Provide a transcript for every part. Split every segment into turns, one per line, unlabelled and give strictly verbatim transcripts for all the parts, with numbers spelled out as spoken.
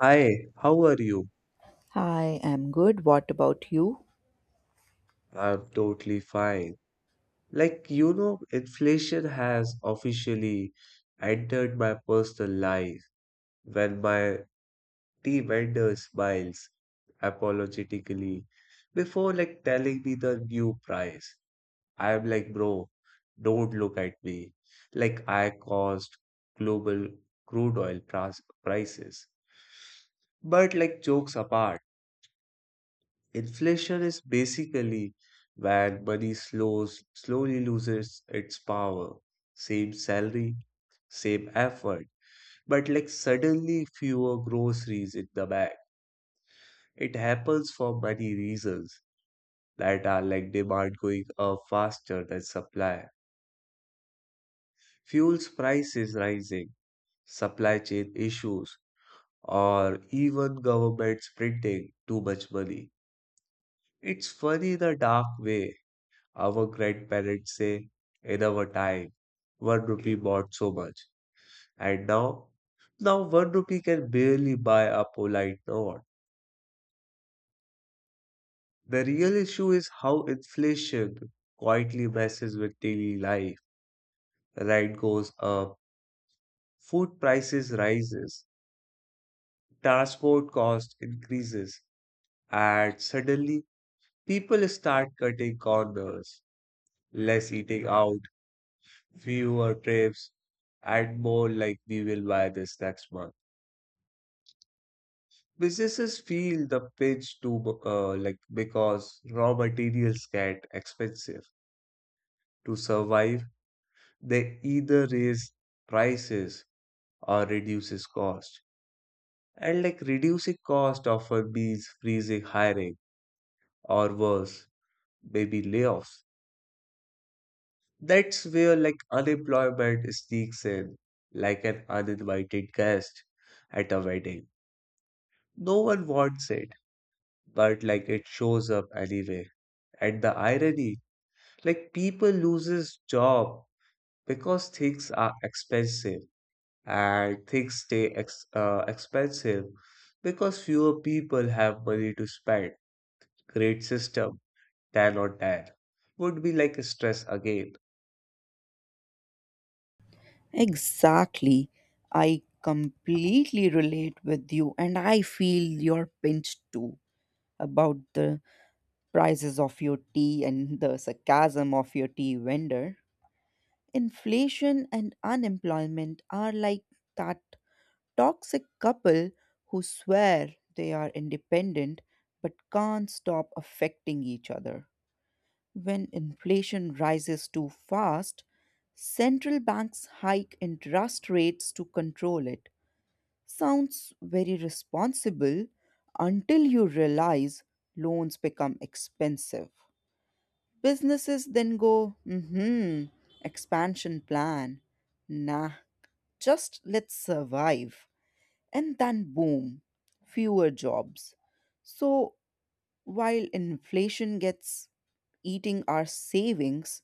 Hi, how are you?
I am good. What about you?
I'm totally fine. Like, you know, inflation has officially entered my personal life when my tea vendor smiles apologetically before like telling me the new price. I'm like, bro, don't look at me. Like, I caused global crude oil pras- prices. But like, jokes apart. Inflation is basically when money slows, slowly loses its power. Same salary, same effort, but like suddenly fewer groceries in the bag. It happens for many reasons that are like demand going up faster than supply, fuels prices rising, supply chain issues, or even governments printing too much money. It's funny in a dark way. Our grandparents say, in our time, one rupee bought so much. And now, now one rupee can barely buy a polite nod. The real issue is how inflation quietly messes with daily life. Rent goes up, food prices rises, transport cost increases, and suddenly people start cutting corners, less eating out, fewer trips, and more like we will buy this next month. Businesses feel the pinch too, bu- uh, like because raw materials get expensive. To survive, they either raise prices or reduces cost. And like reducing cost often means freezing hiring or worse, maybe layoffs. That's where like unemployment sneaks in, like an uninvited guest at a wedding. No one wants it, but like it shows up anyway. And the irony, like people loses job because things are expensive and things stay ex- uh, expensive because fewer people have money to spend. Great system than or that would be like a stress again.
Exactly. I completely relate with you, and I feel your pinch too about the prices of your tea and the sarcasm of your tea vendor. Inflation and unemployment are like that toxic couple who swear they are independent but can't stop affecting each other. When inflation rises too fast, central banks hike interest rates to control it. Sounds very responsible until you realize loans become expensive. Businesses then go, hmm, expansion plan. Nah, just let's survive. And then boom, fewer jobs. So while inflation gets eating our savings,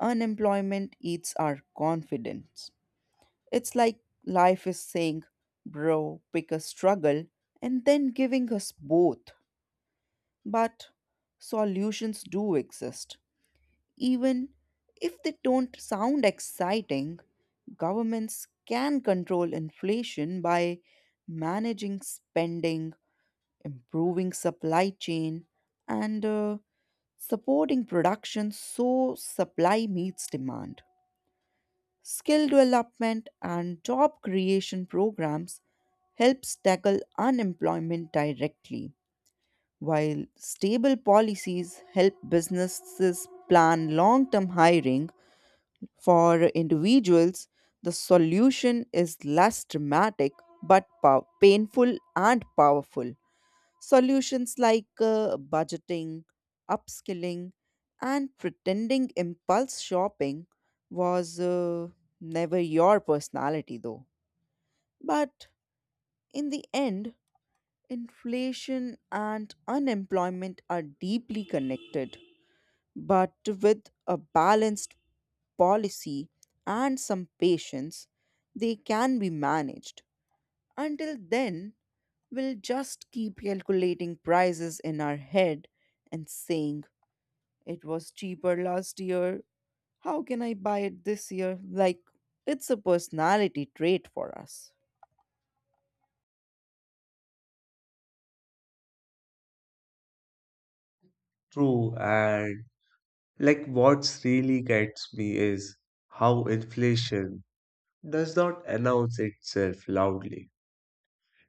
unemployment eats our confidence. It's like life is saying, bro, pick a struggle, and then giving us both. But solutions do exist. Even if they don't sound exciting, governments can control inflation by managing spending, improving supply chain, and uh, supporting production so supply meets demand. Skill development and job creation programs helps tackle unemployment directly, while stable policies help businesses plan long-term hiring for individuals. The solution is less dramatic but pow- painful and powerful. Solutions like uh, budgeting, upskilling, and pretending impulse shopping was uh, never your personality, though. But in the end, inflation and unemployment are deeply connected. But with a balanced policy and some patience, they can be managed. Until then, we'll just keep calculating prices in our head and saying, it was cheaper last year. How can I buy it this year? Like, it's a personality trait for us.
True, and like what's really gets me is how inflation does not announce itself loudly,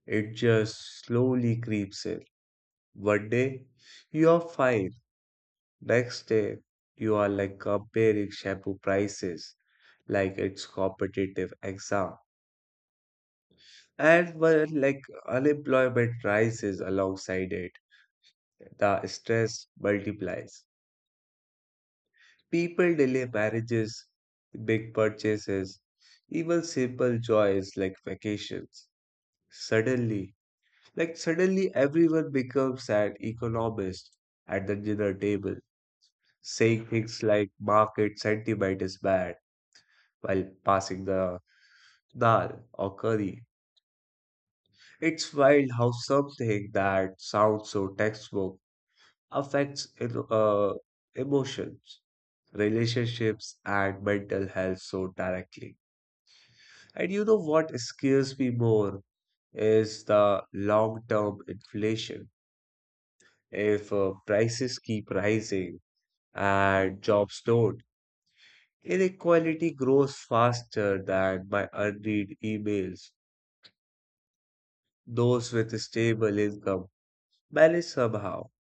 it just slowly creeps in. One day you are fine. Next day, you are like comparing shampoo prices like it's competitive exam. And when like unemployment rises alongside it, the stress multiplies. People delay marriages, big purchases, even simple joys like vacations. Suddenly, like suddenly everyone becomes an economist at the dinner table, saying things like market sentiment is bad while passing the dal, or curry. It's wild how something that sounds so textbook affects emo- uh, emotions, relationships, and mental health so directly. And you know what scares me more is the long-term inflation. If uh, prices keep rising and jobs don't, inequality grows faster than my unread emails. Those with stable income manage somehow,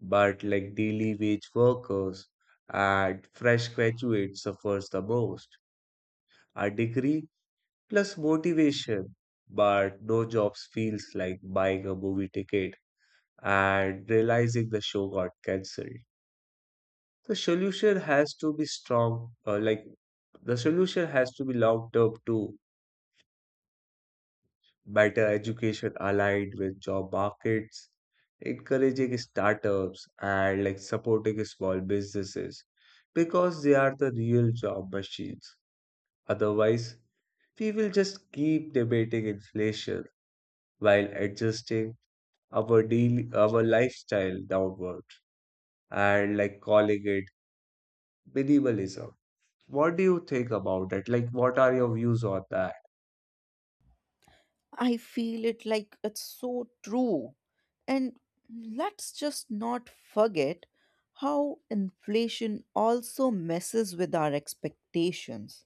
but like daily wage workers and fresh graduates suffers the most. A degree plus motivation, but no jobs feels like buying a movie ticket and realizing the show got cancelled. The solution has to be strong, uh, like the solution has to be long term too, better education aligned with job markets, encouraging startups and like supporting small businesses because they are the real job machines. Otherwise, we will just keep debating inflation while adjusting our daily our lifestyle downward and like calling it minimalism. What do you think about it? Like, what are your views on that?
I feel it like it's so true. And let's just not forget how inflation also messes with our expectations.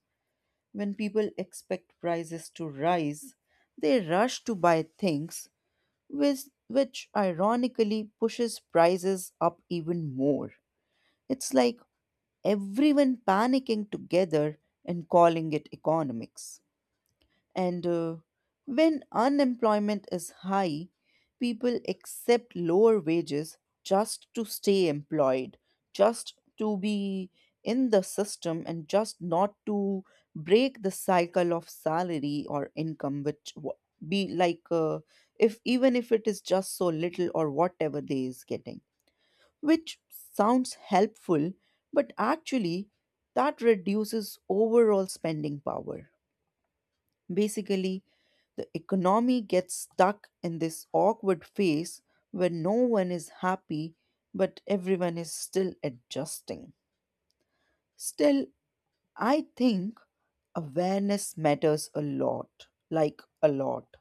When people expect prices to rise, they rush to buy things, which, which ironically pushes prices up even more. It's like everyone panicking together and calling it economics. And uh, when unemployment is high, people accept lower wages just to stay employed, just to be in the system, and just not to break the cycle of salary or income, which wa- be like uh, if even if it is just so little or whatever they is getting, which sounds helpful, but actually that reduces overall spending power. Basically, the economy gets stuck in this awkward phase where no one is happy but everyone is still adjusting. Still, I think awareness matters a lot, like a lot.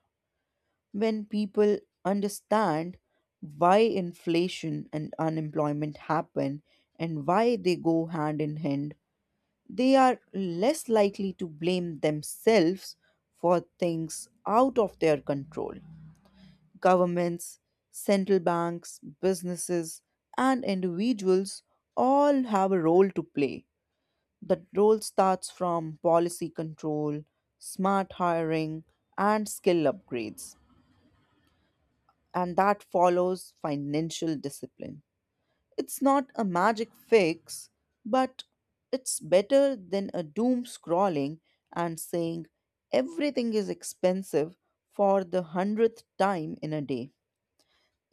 When people understand why inflation and unemployment happen and why they go hand in hand, they are less likely to blame themselves for things out of their control. Governments, central banks, businesses, and individuals all have a role to play. That role starts from policy control, smart hiring, and skill upgrades, and that follows financial discipline. It's not a magic fix, but it's better than a doom scrolling and saying everything is expensive for the hundredth time in a day.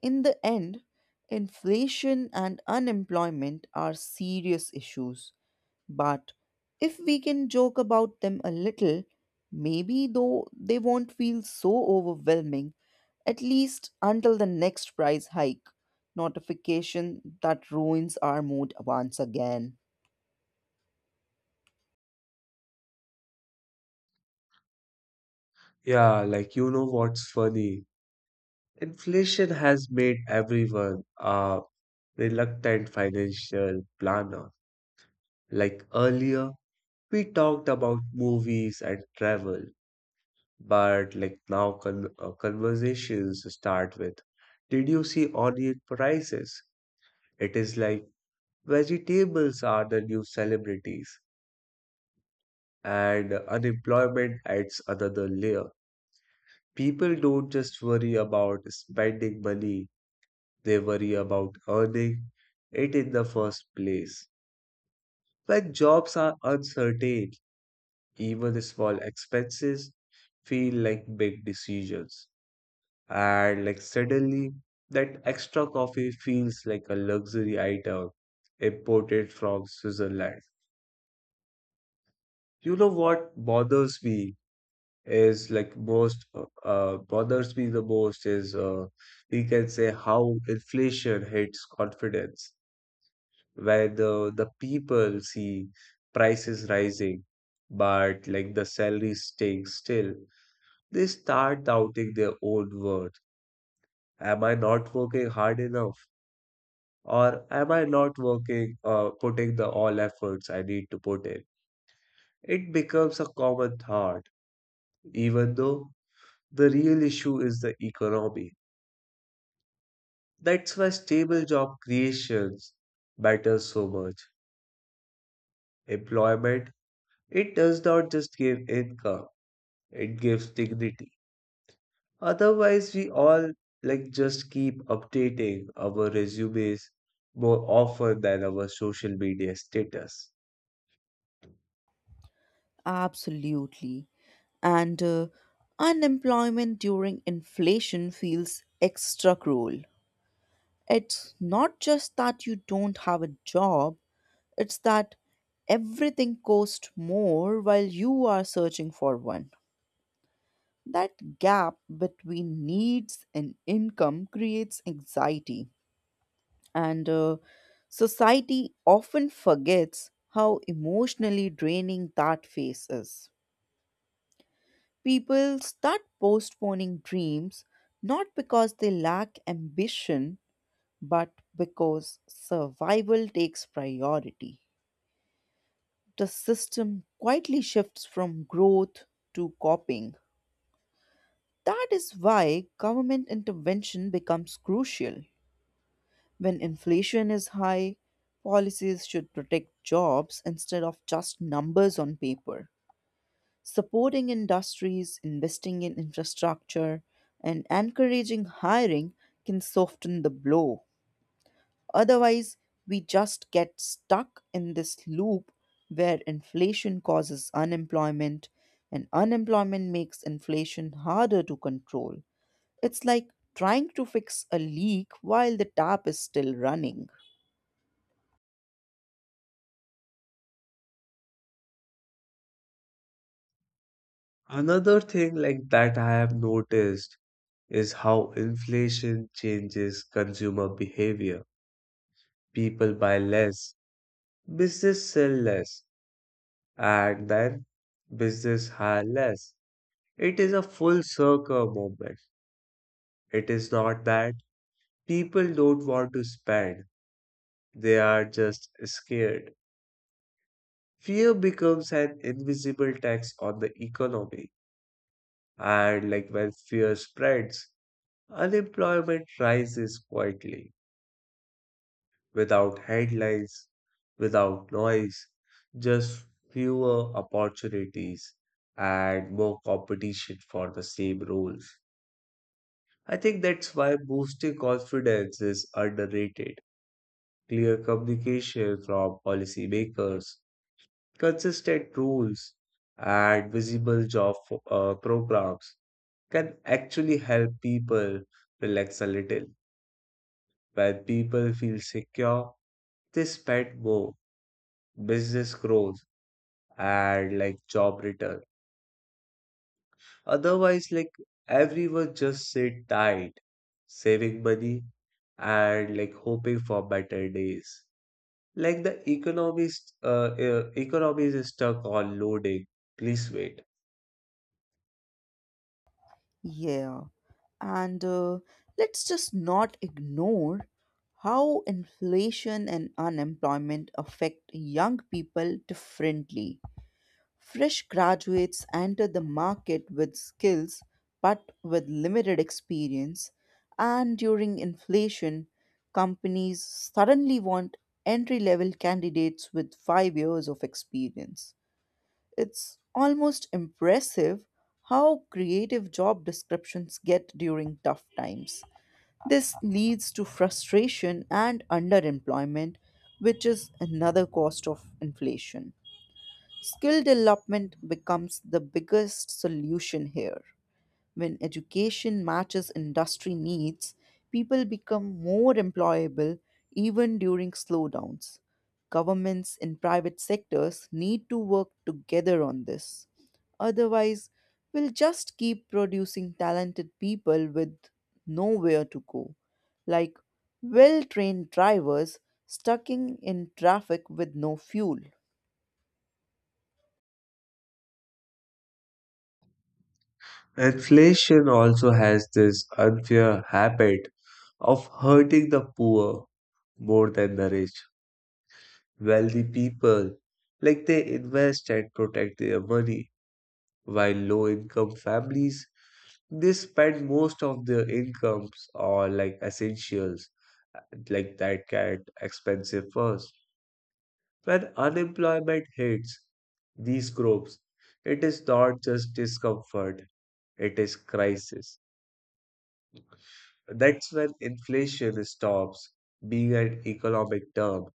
In the end, inflation and unemployment are serious issues, but if we can joke about them a little, maybe though they won't feel so overwhelming, at least until the next price hike notification that ruins our mood once again.
Yeah, like you know what's funny? Inflation has made everyone a reluctant financial planner. Like earlier, we talked about movies and travel, but like now con uh, conversations start with, did you see onion prices? It is like vegetables are the new celebrities, and unemployment adds another layer. People don't just worry about spending money, they worry about earning it in the first place. When jobs are uncertain, even small expenses feel like big decisions. And like suddenly, that extra coffee feels like a luxury item imported from Switzerland. You know what bothers me is like most uh, uh, Bothers me the most is uh, we can say how inflation hits confidence. Where the the people see prices rising, but like the salary staying still, they start doubting their own worth. Am I not working hard enough? Or am I not working, uh, putting the all efforts I need to put in? It becomes a common thought, even though the real issue is the economy. That's why stable job creations matters so much. Employment, it does not just give income, it gives dignity. Otherwise, we all like just keep updating our resumes more often than our social media status.
Absolutely. And uh, unemployment during inflation feels extra cruel. It's not just that you don't have a job, it's that everything costs more while you are searching for one. That gap between needs and income creates anxiety, and uh, society often forgets how emotionally draining that phase is. People start postponing dreams not because they lack ambition but because survival takes priority. The system quietly shifts from growth to copying. That is why government intervention becomes crucial. When inflation is high, policies should protect jobs instead of just numbers on paper. Supporting industries, investing in infrastructure, and encouraging hiring can soften the blow. Otherwise, we just get stuck in this loop where inflation causes unemployment and unemployment makes inflation harder to control. It's like trying to fix a leak while the tap is still running.
Another thing like that I have noticed is how inflation changes consumer behavior. People buy less, business sell less, and then business hire less. It is a full circle moment. It is not that people don't want to spend, they are just scared. Fear becomes an invisible tax on the economy. And like when fear spreads, unemployment rises quietly, without headlines, without noise, just fewer opportunities and more competition for the same roles. I think that's why boosting confidence is underrated. Clear communication from policymakers, consistent rules, and visible job fo- uh, programs can actually help people relax a little. When people feel secure, they spend more, business grows, and like job return. Otherwise, like everyone just sit tight, saving money and like hoping for better days. Like the economy, is- uh, uh, economy is stuck on loading. Please wait.
Yeah, and uh, let's just not ignore how inflation and unemployment affect young people differently. Fresh graduates enter the market with skills but with limited experience, and during inflation, companies suddenly want entry level candidates with five years of experience. It's almost impressive how creative job descriptions get during tough times. This leads to frustration and underemployment, which is another cost of inflation. Skill development becomes the biggest solution here. When education matches industry needs, people become more employable even during slowdowns. Governments and private sectors need to work together on this. Otherwise, we'll just keep producing talented people with nowhere to go, like well trained drivers stuck in in traffic with no fuel.
Inflation also has this unfair habit of hurting the poor more than the rich. Wealthy people, like they invest and protect their money, while low income families, they spend most of their incomes on like essentials, like that cat expensive first. When unemployment hits these groups, it is not just discomfort, it is crisis. That's when inflation stops being an economic term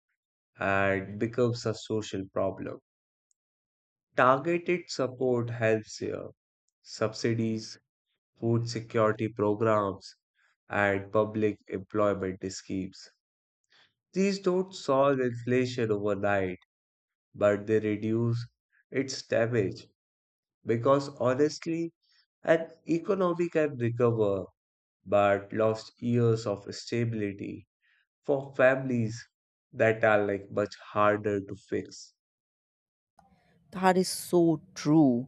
and becomes a social problem. Targeted support helps here. Subsidies, food security programs, and public employment schemes. These don't solve inflation overnight, but they reduce its damage because honestly, an economy can recover but lost years of stability for families that are like much harder to fix.
That is so true.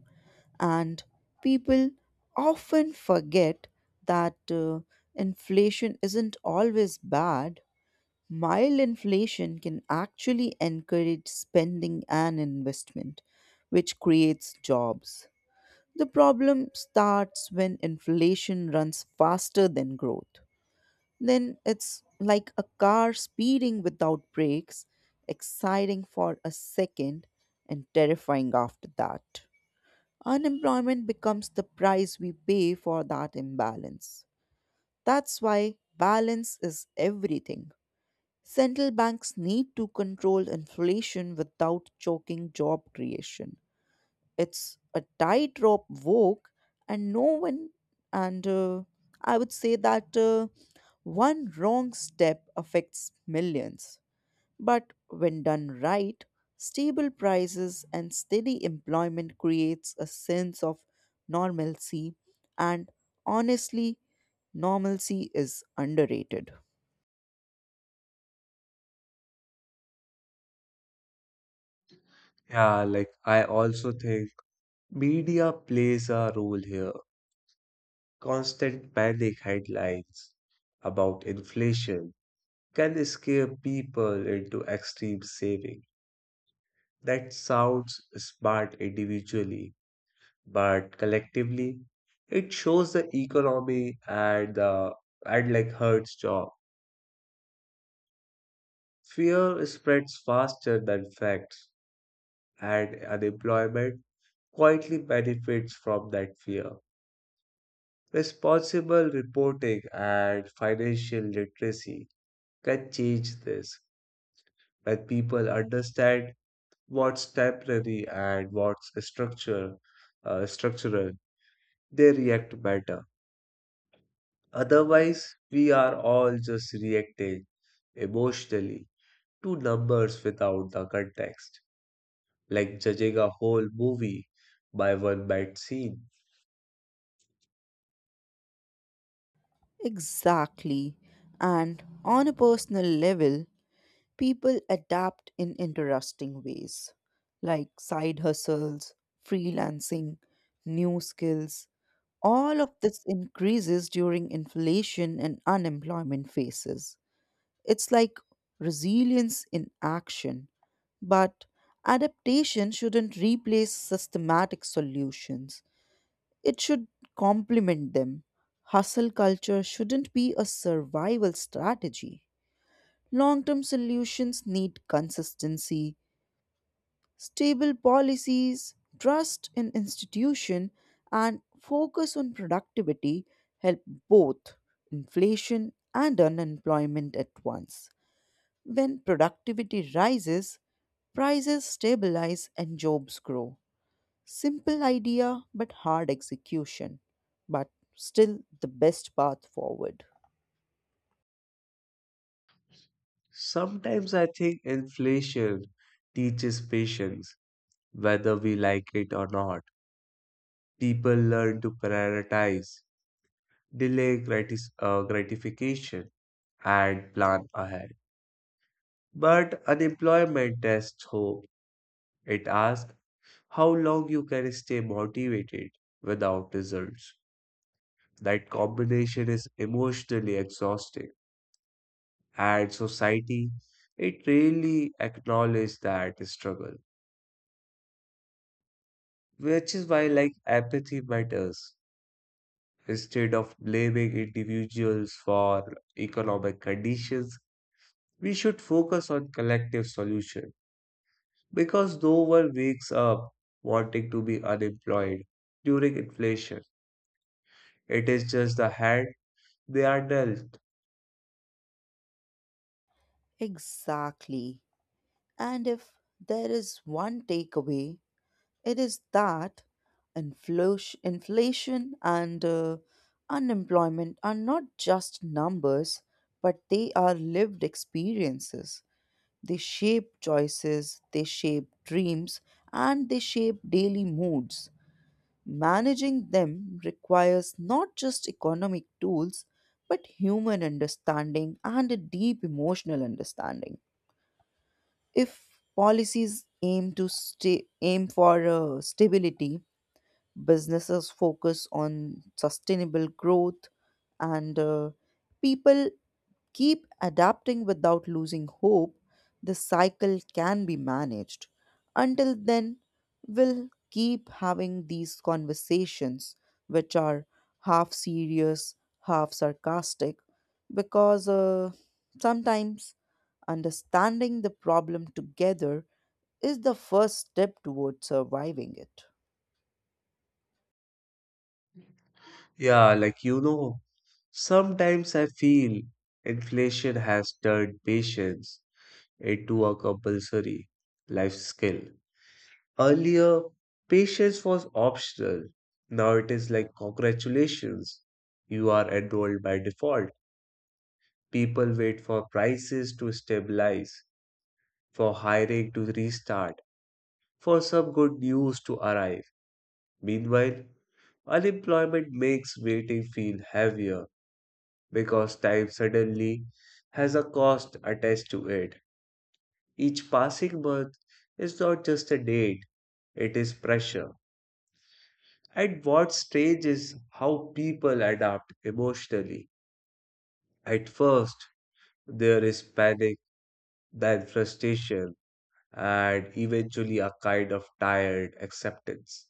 And people often forget that uh, inflation isn't always bad. Mild inflation can actually encourage spending and investment, which creates jobs. The problem starts when inflation runs faster than growth. Then it's like a car speeding without brakes, exciting for a second and terrifying after that. Unemployment becomes the price we pay for that imbalance. That's why balance is everything. Central banks need to control inflation without choking job creation. It's a tightrope walk, and no one, and uh, I would say that uh, one wrong step affects millions. But when done right, stable prices and steady employment creates a sense of normalcy and honestly, normalcy is underrated.
Yeah, like I also think media plays a role here. Constant panic headlines about inflation can scare people into extreme saving. That sounds smart individually, but collectively, it shows the economy and the and like hurts job. Fear spreads faster than facts, and unemployment quietly benefits from that fear. Responsible reporting and financial literacy can change this. When people understand what's temporary and what's structure, uh, structural, they react better. Otherwise, we are all just reacting emotionally to numbers without the context, like judging a whole movie by one bad scene.
Exactly. And on a personal level, people adapt in interesting ways, like side hustles, freelancing, new skills. All of this increases during inflation and unemployment phases. It's like resilience in action. But adaptation shouldn't replace systematic solutions, it should complement them. Hustle culture shouldn't be a survival strategy. Long term solutions need consistency, stable policies, trust in institution, and focus on productivity help both inflation and unemployment at once. When productivity rises, prices stabilize and jobs grow. Simple idea, but hard execution, but still the best path forward.
Sometimes I think inflation teaches patience, whether we like it or not. People learn to prioritize, delay gratis- uh, gratification, and plan ahead. But unemployment tests hope. It asks how long you can stay motivated without results. That combination is emotionally exhausting, and society it really acknowledges that struggle. Which is why, like, apathy matters. Instead of blaming individuals for economic conditions, we should focus on collective solution because no one wakes up wanting to be unemployed during inflation. It is just the hand they are dealt.
Exactly. And if there is one takeaway, it is that inflo- inflation and uh, unemployment are not just numbers, but they are lived experiences. They shape choices, they shape dreams, and they shape daily moods. Managing them requires not just economic tools, but human understanding and a deep emotional understanding. If policies aim to stay, aim for uh, stability, businesses focus on sustainable growth and uh, people keep adapting without losing hope, the cycle can be managed. Until then, we'll keep having these conversations, which are half serious, half sarcastic, because uh, sometimes understanding the problem together is the first step towards surviving it.
Yeah, like you know, sometimes I feel inflation has turned patience into a compulsory life skill. Earlier, patience was optional. Now it is like, congratulations, you are enrolled by default. People wait for prices to stabilize, for hiring to restart, for some good news to arrive. Meanwhile, unemployment makes waiting feel heavier because time suddenly has a cost attached to it. Each passing month is not just a date, it is pressure. At what stage is how people adapt emotionally? At first, there is panic, then frustration, and eventually a kind of tired acceptance.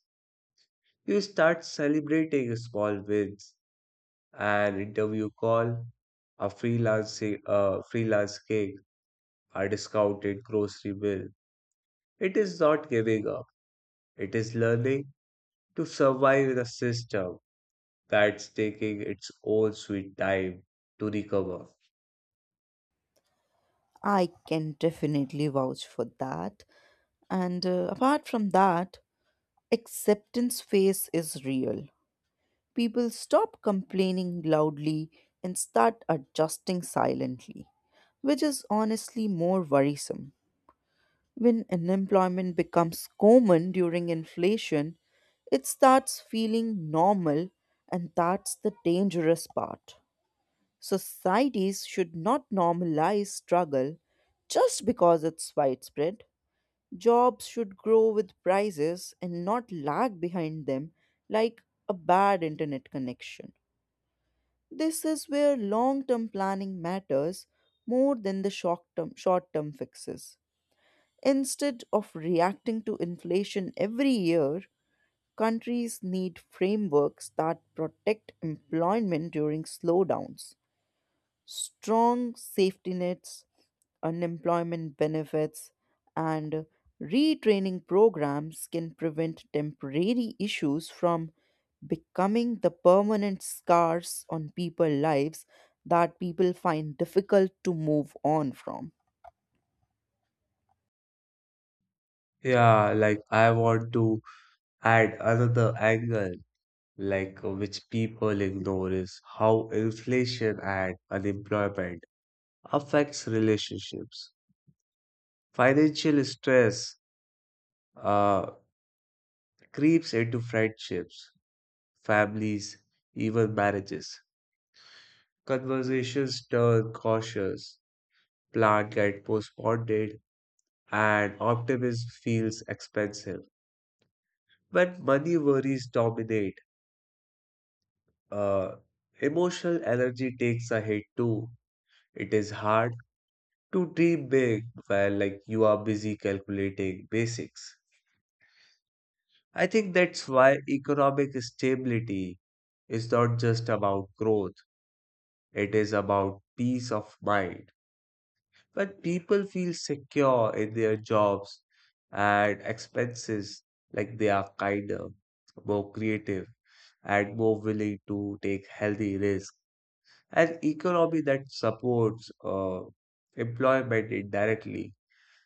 You start celebrating small wins, an interview call, a freelancing, a freelance gig, a discounted grocery bill. It is not giving up. It is learning to survive in a system that's taking its own sweet time to recover.
I can definitely vouch for that. And uh, apart from that, acceptance phase is real. People stop complaining loudly and start adjusting silently, which is honestly more worrisome. When unemployment becomes common during inflation, it starts feeling normal, and that's the dangerous part. Societies should not normalize struggle just because it's widespread. Jobs should grow with prices and not lag behind them like a bad internet connection. This is where long term planning matters more than the short term short term fixes. Instead of reacting to inflation every year, countries need frameworks that protect employment during slowdowns, strong safety nets, unemployment benefits, and retraining programs can prevent temporary issues from becoming the permanent scars on people's lives that people find difficult to move on from.
Yeah, like I want to add another angle, like uh, which people ignore is how inflation and unemployment affects relationships. Financial stress uh, creeps into friendships, families, even marriages. Conversations turn cautious, plans get postponed, and optimism feels expensive. When money worries dominate, Uh, emotional energy takes a hit too. It is hard to dream big while like you are busy calculating basics. I think that's why economic stability is not just about growth, it is about peace of mind. When people feel secure in their jobs and expenses, like they are kinder, more creative, and more willing to take healthy risks. An economy that supports uh, employment indirectly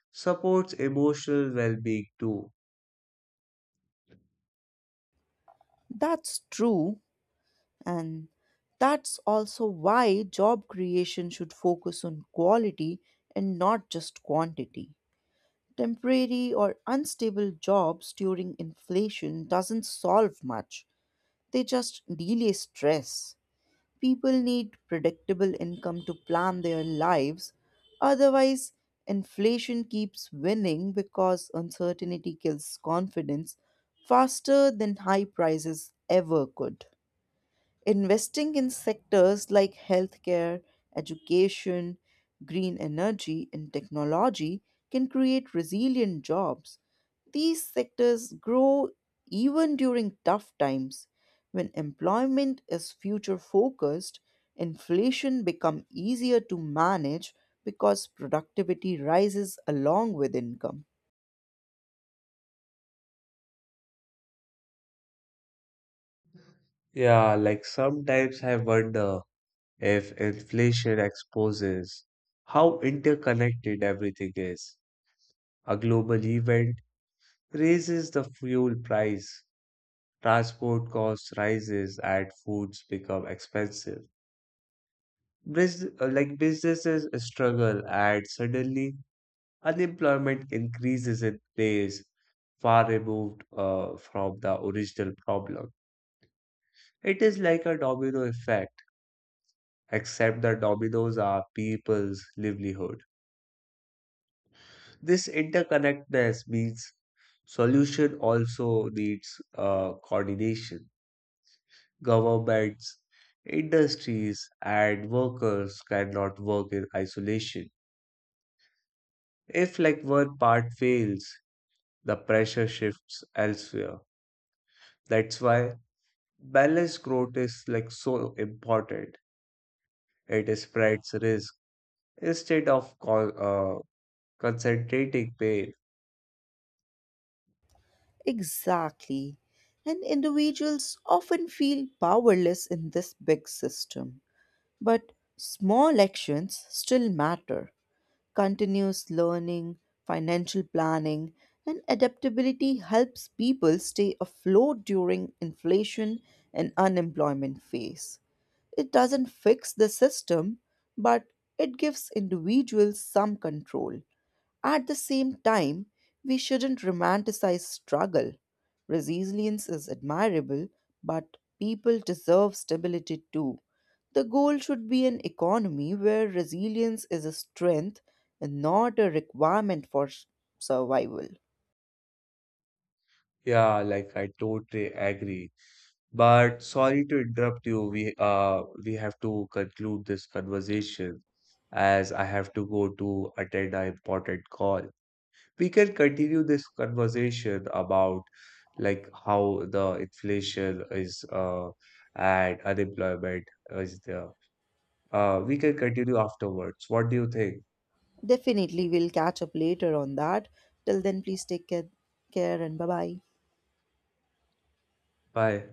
supports emotional well being too.
That's true, and that's also why job creation should focus on quality and not just quantity. Temporary or unstable jobs during inflation doesn't solve much. They just delay stress. People need predictable income to plan their lives. Otherwise, inflation keeps winning because uncertainty kills confidence faster than high prices ever could. Investing in sectors like healthcare, education, green energy, and technology can create resilient jobs. These sectors grow even during tough times. When employment is future focused, inflation becomes easier to manage because productivity rises along with income.
Yeah, like sometimes I wonder if inflation exposes how interconnected everything is. A global event raises the fuel price, transport costs rises, and foods become expensive. Bus- uh, like businesses struggle, and suddenly unemployment increases in place far removed uh, from the original problem. It is like a domino effect, except the dominoes are people's livelihood. This interconnectedness means solution also needs uh, coordination. Governments, industries, and workers cannot work in isolation. If like one part fails, the pressure shifts elsewhere. That's why balanced growth is like so important. It spreads risk instead of co- uh, concentrating pain.
Exactly. And individuals often feel powerless in this big system. But small actions still matter. Continuous learning, financial planning, and adaptability helps people stay afloat during inflation and unemployment phase. It doesn't fix the system, but it gives individuals some control. At the same time, we shouldn't romanticize struggle. Resilience is admirable, but people deserve stability too. The goal should be an economy where resilience is a strength and not a requirement for s- survival.
Yeah, like I totally agree. But sorry to interrupt you. We uh we have to conclude this conversation as I have to go to attend an important call. We can continue this conversation about like how the inflation is uh and unemployment is there. Uh, we can continue afterwards. What do you think?
Definitely, we'll catch up later on that. Till then, please take care, care and bye bye.
Bye.